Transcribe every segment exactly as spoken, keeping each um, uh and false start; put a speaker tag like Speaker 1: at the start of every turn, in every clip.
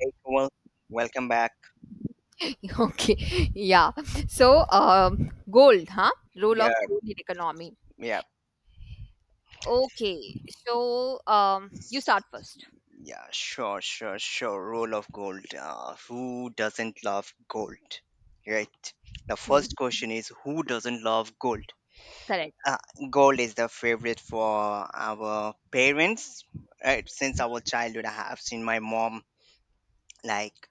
Speaker 1: Hey, Komal, welcome back.
Speaker 2: Okay, yeah. So, um, gold, huh? Role of
Speaker 1: Yeah,
Speaker 2: gold in economy.
Speaker 1: yeah,
Speaker 2: Okay, so um, you start first.
Speaker 1: yeah, sure, sure, sure. Rule of gold. Uh, who doesn't love gold? Right. The
Speaker 2: Mhm.
Speaker 1: first question is who doesn't love gold?
Speaker 2: Correct.
Speaker 1: Uh, gold is the favorite for our parents. Right. Since our
Speaker 2: Mm-hmm.
Speaker 1: childhood, I have seen my mom like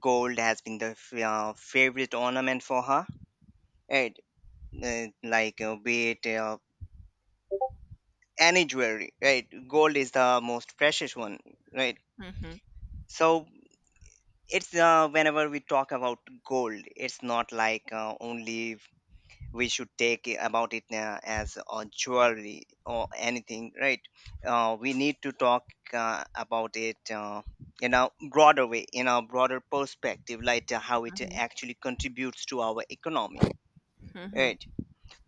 Speaker 1: gold has been the f- uh, favorite ornament for her. Right. Uh, like uh, be it uh, any jewelry. Right. Gold is the most precious one, right,
Speaker 2: Mm-hmm.
Speaker 1: so it's uh, whenever we talk about gold, it's not like uh, only we should take it- about it uh, as a jewelry or anything, right. Uh, we need to talk uh, about it, uh, in a broader way, in a broader perspective, like uh, how it actually contributes to our economy,
Speaker 2: Mm-hmm.
Speaker 1: right.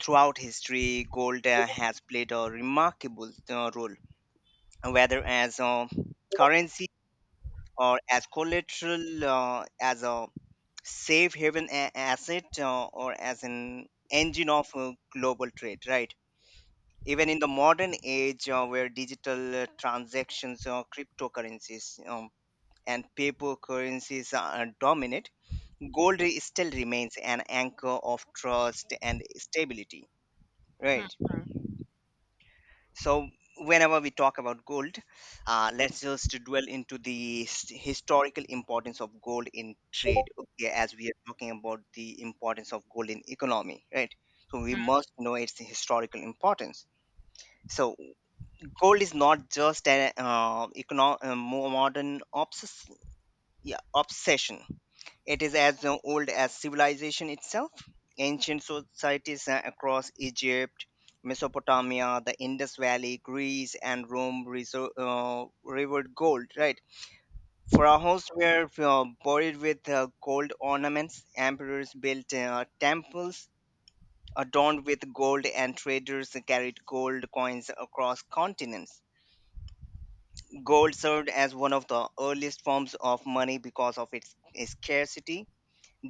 Speaker 1: Throughout history, gold uh, has played a remarkable uh, role, whether as a currency or as collateral, uh, as a safe haven a- asset, uh, or as an engine of uh, global trade, right? Even in the modern age uh, where digital uh, transactions or cryptocurrencies um, and paper currencies are dominant, gold i- still remains an anchor of trust and stability, right? So whenever we talk about gold, uh, let's just dwell into the s- historical importance of gold in trade, okay, as we are talking about the importance of gold in economy, right. So we must know its historical importance. So gold is not just an uh, econo- uh, mo- modern obsession, yeah, obsession. It is as uh, old as civilization itself. Ancient societies uh, across Egypt, Mesopotamia, the Indus Valley, Greece, and Rome resor- uh, revered gold, right? Pharaohs were uh, buried with uh, gold ornaments, emperors built uh, temples adorned with gold, and traders carried gold coins across continents. Gold served as one of the earliest forms of money because of its its scarcity,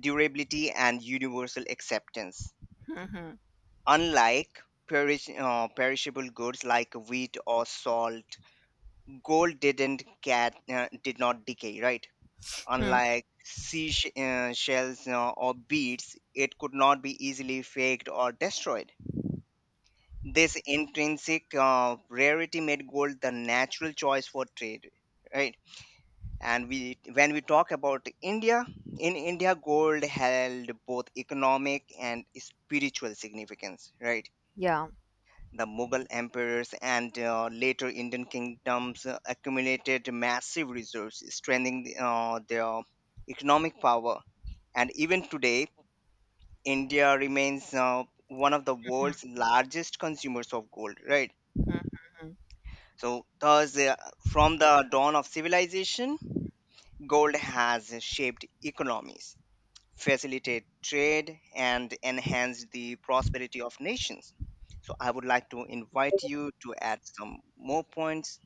Speaker 1: durability, and universal acceptance.
Speaker 2: Mm-hmm.
Speaker 1: Unlike perish, uh, perishable goods like wheat or salt, gold didn't get uh, did not decay, right?
Speaker 2: Mm-hmm.
Speaker 1: Unlike sea sh- uh, shells uh, or beads, it could not be easily faked or destroyed. This intrinsic uh, rarity made gold the natural choice for trade, right? And we when we talk about India, in India gold held both economic and spiritual significance, right.
Speaker 2: Yeah.
Speaker 1: The Mughal emperors and uh, later Indian kingdoms uh, accumulated massive reserves, strengthening the- uh, their economic power, and even today India remains uh, one of the world's largest consumers of gold, right.
Speaker 2: Mm-hmm.
Speaker 1: So thus, uh, from the dawn of civilization, gold has shaped economies, facilitate trade, and enhance the prosperity of nations. So I would like to invite you to add some more points.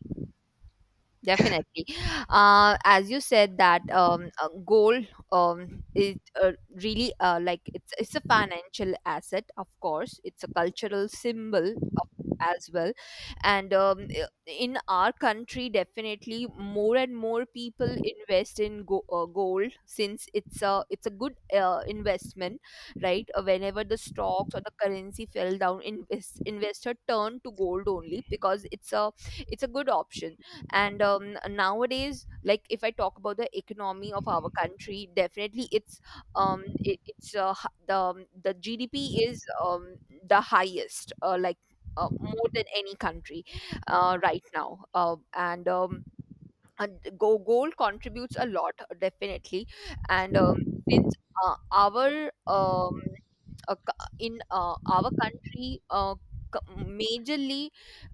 Speaker 2: Definitely. Uh, as you said that um, uh, gold um, is uh, really uh, like it's it's a financial asset, of course. It's a cultural symbol of, as well, and um, i- in our country, definitely more and more people invest in go- uh, gold since it's a it's a good uh, investment, right? Uh, whenever the stocks or the currency fell down, invest, investor turned to gold only because it's a it's a good option and um, nowadays like if I talk about the economy of our country, definitely it's um it, it's uh, h- the um, the GDP is um the highest, uh, like, uh, more than any country, uh, right now, uh, and um, and go gold contributes a lot, definitely. And um, since uh, our um, uh, co- in uh, our country, uh, co- majorly,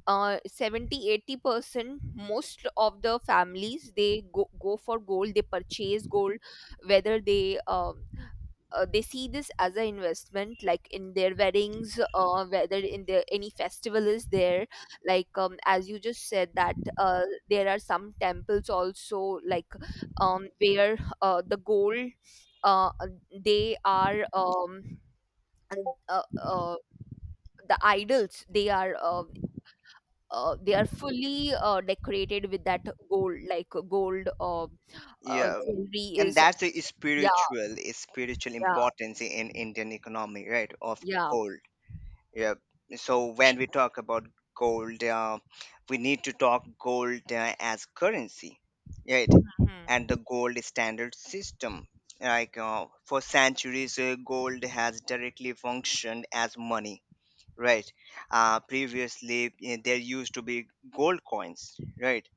Speaker 2: uh, seventy eighty percent most of the families, they go, go for gold, they purchase gold, whether they uh, uh, they see this as an investment like in their weddings or whether in their any festival is there. Like um, as you just said that uh, there are some temples also, like, um, where uh, the gold, uh, they are um, and, uh, uh, the idols, they are, uh, uh, they are fully uh, decorated with that gold, like gold uh, uh,
Speaker 1: Yeah,
Speaker 2: jewelry
Speaker 1: and
Speaker 2: is
Speaker 1: that's the
Speaker 2: yeah
Speaker 1: spiritual spiritual
Speaker 2: yeah
Speaker 1: importance in Indian economy, right? Of
Speaker 2: yeah.
Speaker 1: coal. Yeah. So when we talk about gold, uh, we need to talk gold uh, as currency, right? And
Speaker 2: Mhm.
Speaker 1: the gold standard system. Like uh, for centuries, uh, gold has directly functioned as money, right. Uh, previously eh, there used to be gold coins, right.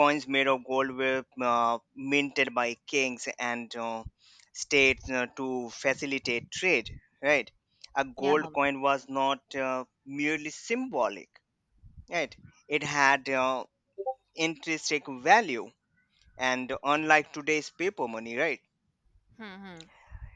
Speaker 1: Coins made of gold were uh, minted by kings and uh, states uh, to facilitate trade, right. A
Speaker 2: Yeah.
Speaker 1: gold coin was not uh, merely symbolic, right. It had uh, intrinsic value, and unlike today's paper money, right.
Speaker 2: Hmm.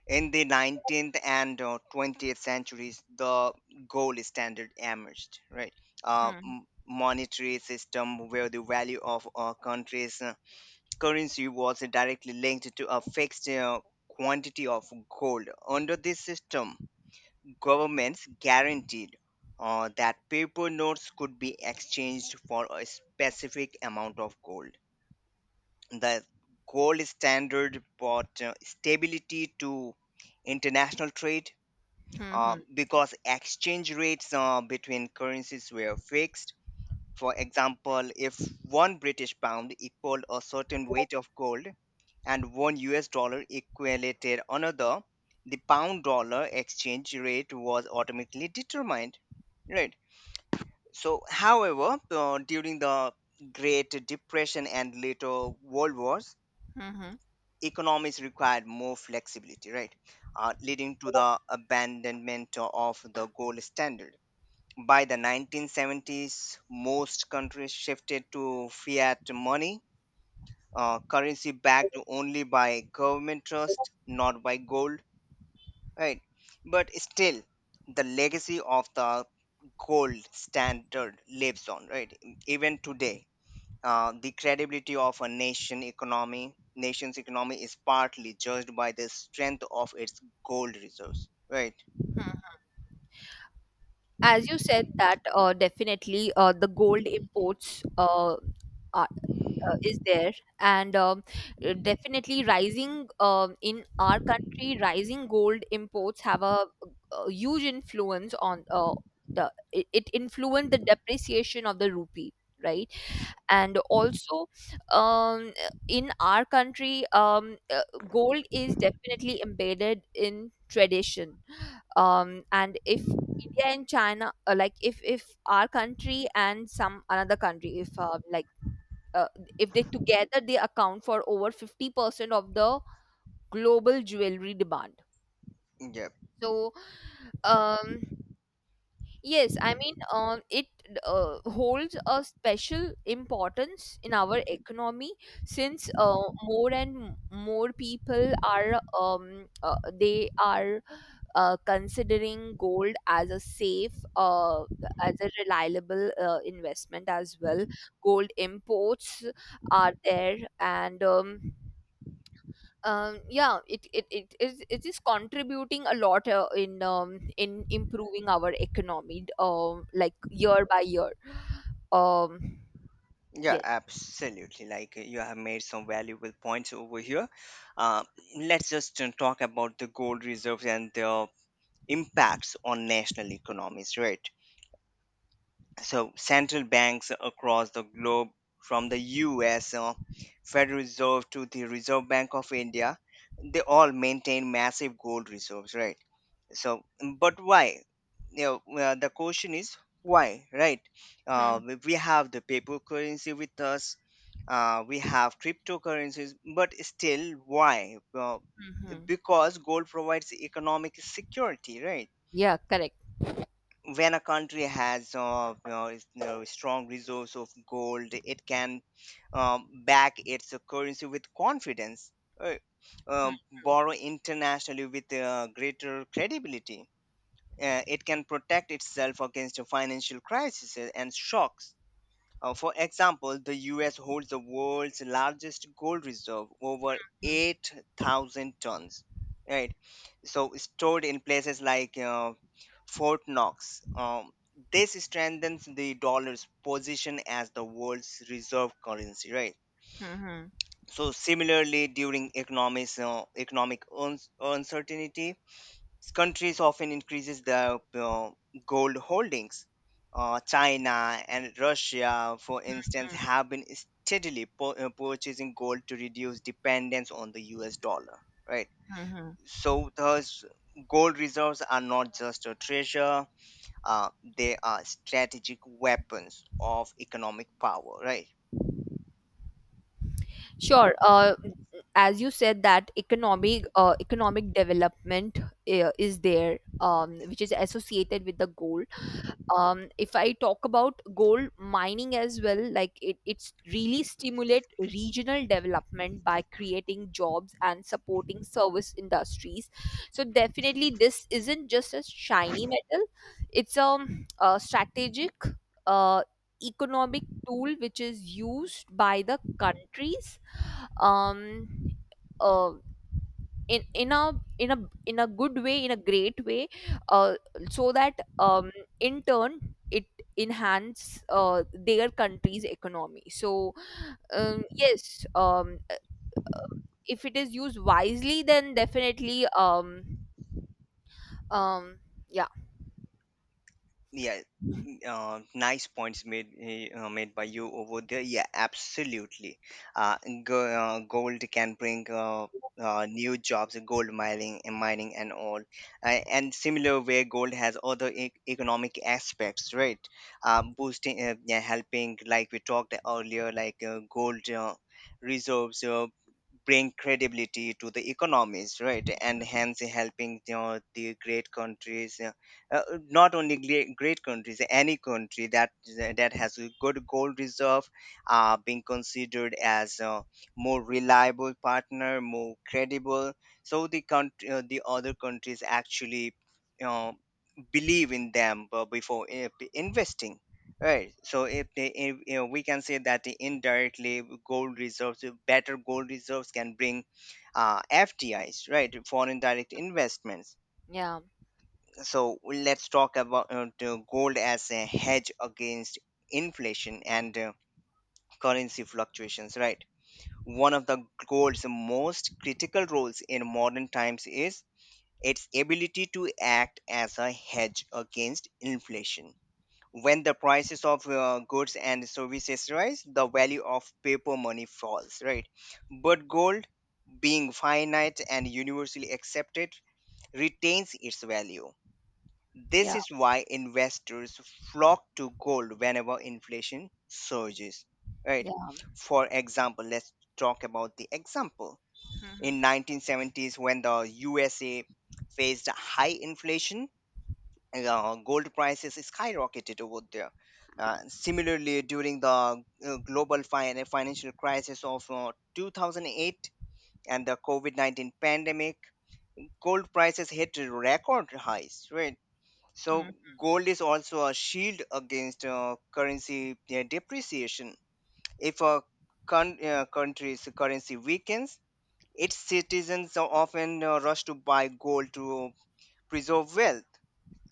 Speaker 1: In the nineteenth and uh, twentieth centuries, the gold standard emerged, right? Uh,
Speaker 2: Hmm.
Speaker 1: m- monetary system where the value of a country's uh, currency was directly linked to a fixed uh, quantity of gold. Under this system, governments guaranteed uh, that paper notes could be exchanged for a specific amount of gold. The gold standard brought uh, stability to international trade
Speaker 2: Hmm.
Speaker 1: uh,
Speaker 2: Hmm.
Speaker 1: because exchange rates uh, between currencies were fixed. For example, if one British pound equaled a certain weight of gold and one U S dollar equated another, the pound dollar exchange rate was automatically determined. Right. So, however, uh, during the Great Depression and later World Wars,
Speaker 2: Hmm.
Speaker 1: economies required more flexibility, right? Uh, leading to the abandonment of the gold standard. By the nineteen seventies, most countries shifted to fiat money, uh, currency backed
Speaker 2: Hmm.
Speaker 1: only by government trust, not by gold, right? But still, the legacy of the gold standard lives on, right? Even today, uh, the credibility of a nation economy, nation's economy is partly judged by the strength of its gold reserves, right?
Speaker 2: Hmm. As you said that uh, definitely, uh, the gold imports, uh, are, uh, is there, and um, uh, definitely rising um in our country. Rising gold imports have a, uh huge influence on, uh, the it, it influenced the depreciation of the rupee, right? And also, um, in our country, um, uh, gold is definitely embedded in tradition, um, and if India and China, uh, like if if our country and some another country, if um, like uh, if they together, they account for over fifty percent of the global jewelry demand.
Speaker 1: Yeah.
Speaker 2: So, um, yes, I mean, um, it uh, holds a special importance in our economy, since uh, more and m- more people are um, uh, they are uh, considering gold as a safe, uh, as a reliable uh, investment as well. Gold imports are there, and um, um yeah, it it, it is it is contributing a lot uh, in um, in improving our economy, um like year by year. um
Speaker 1: Yeah,
Speaker 2: yes
Speaker 1: absolutely. Like uh, you have made some valuable points over here. Uh, let's just uh, talk about the gold reserves and their impacts on national economies, right? So, central banks across the globe, from the U S, uh, Federal Reserve to the Reserve Bank of India, they all maintain massive gold reserves, right? So, mm, but why, you know, well, the question is why, right. uh,
Speaker 2: Hmm,
Speaker 1: we we have the paper currency with us, uh, we have cryptocurrencies, but still why, well,
Speaker 2: hmm, hmm.
Speaker 1: because gold provides economic security, right.
Speaker 2: Yeah, correct.
Speaker 1: When a country has uh, you know, is- you know, strong resource of gold, it can um, back its currency with confidence, right?
Speaker 2: Hmm,
Speaker 1: um,
Speaker 2: hmm,
Speaker 1: borrow internationally with uh, greater credibility. Uh, it can protect itself against financial crises and shocks. Uh, for example, the U S holds the world's largest gold reserve, over
Speaker 2: hmm,
Speaker 1: eight thousand tons, right? So, stored in places like uh, Fort Knox. Um, this strengthens the dollar's position as the world's reserve currency, right?
Speaker 2: hmm,
Speaker 1: So, similarly, during economics, uh, economic un- uncertainty, countries often increases their uh, gold holdings. Uh, China and Russia, for instance,
Speaker 2: hmm,
Speaker 1: have been steadily pur- uh, purchasing gold to reduce dependence on the U S dollar, right?
Speaker 2: hmm, hmm.
Speaker 1: So, thus, gold reserves are not just a treasure, uh, they are strategic weapons of economic power, right?
Speaker 2: Sure. Uh as you said that economic uh, economic development uh, is there, um which is associated with the goal. Um, if I talk about gold mining as well, like, it, it's really stimulate regional development by creating jobs and supporting service industries. So definitely, this isn't just a shiny metal; it's a, a strategic, uh, economic tool which is used by the countries, um, uh, in in a in a in a good way, in a great way, uh, so that um, in turn it enhance uh, their country's economy. So, um, yes. Um, if it is used wisely, then definitely. um, um, yeah.
Speaker 1: Yeah. uh, nice points made eh, uh, made by you over there. Yeah, absolutely. Uh, go, uh, gold can bring uh, uh, new jobs, gold mining and mining and all, uh, and similar way, gold has other e- economic aspects, right? Uh, boosting, uh, yeah, helping, like we talked earlier, like uh, gold uh, reserves. Uh, bring credibility to the economies, right, and hence helping, you know, the great countries, uh, uh, not only great, great countries, any country that that has a good gold reserve are being considered as a more reliable partner, more credible. So the country, uh, the other countries actually, you believe in them uh, before uh, p- investing, right. So if they if, you know, we can say that indirectly gold reserves, uh, better gold reserves can bring uh, fdis, right, foreign direct investments.
Speaker 2: Yeah.
Speaker 1: So let's talk about uh, the gold as a hedge against inflation and uh, currency fluctuations, right. One of the gold's most critical roles in modern times is its ability to act as a hedge against inflation. When the prices of uh, goods and services rise, the value of paper money falls, right. But gold, being finite and universally accepted, retains its value.
Speaker 2: Yeah.
Speaker 1: This is why investors flock to gold whenever inflation surges, right?
Speaker 2: Yeah.
Speaker 1: For example, let's talk about the example.
Speaker 2: Mhm,
Speaker 1: In nineteen seventies when the U S A faced high inflation, uh, gold prices skyrocketed over there. Uh, similarly, during the uh, global fin- financial crisis of uh, two thousand eight and the COVID nineteen pandemic, gold prices hit record highs, right? So
Speaker 2: mhm,
Speaker 1: gold is also a shield against uh, currency uh, depreciation. If a con- uh, country's currency weakens, its citizens are often uh, rush to buy gold to preserve wealth.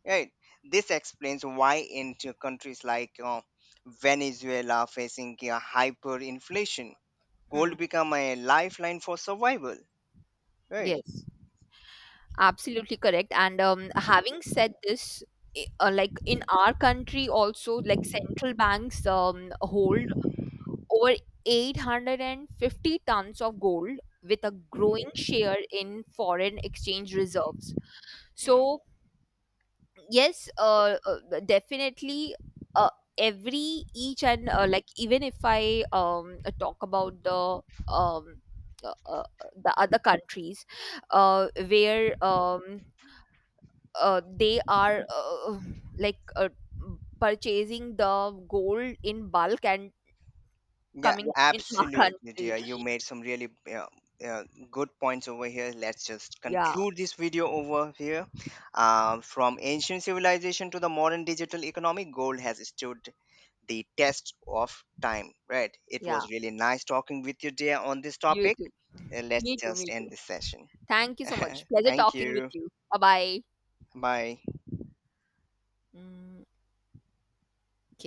Speaker 1: Right. This explains why in t- countries like uh, Venezuela facing uh, hyperinflation,
Speaker 2: mhm.
Speaker 1: gold become a lifeline for survival. Right.
Speaker 2: Yes, absolutely correct. And, um, having said this, i- uh, like in our country also, like central banks um, hold over eight hundred fifty tons of gold with a growing share in foreign exchange reserves.
Speaker 1: Hmm.
Speaker 2: So, yes, uh, uh, definitely, uh, every each and, uh, like even if I um, uh, talk about the, um, uh, uh, the other countries uh, where, um, uh, they are, uh, like uh, purchasing the gold in bulk and
Speaker 1: Yeah,
Speaker 2: coming in our
Speaker 1: absolutely,
Speaker 2: country.
Speaker 1: dear. You made some really uh, uh, good points over here. Let's just
Speaker 2: Yeah,
Speaker 1: conclude this video over here. Um, from ancient civilization to the modern digital economy, gold has stood the test of time, right? It
Speaker 2: yeah.
Speaker 1: was really nice talking with you, dear, on this
Speaker 2: You
Speaker 1: topic.
Speaker 2: too.
Speaker 1: Uh, let's
Speaker 2: Me too.
Speaker 1: just
Speaker 2: Me
Speaker 1: end
Speaker 2: too.
Speaker 1: this session.
Speaker 2: Thank you so much. Pleasure
Speaker 1: Thank
Speaker 2: talking with
Speaker 1: you.
Speaker 2: you. Bye bye.
Speaker 1: Bye.
Speaker 2: Mm,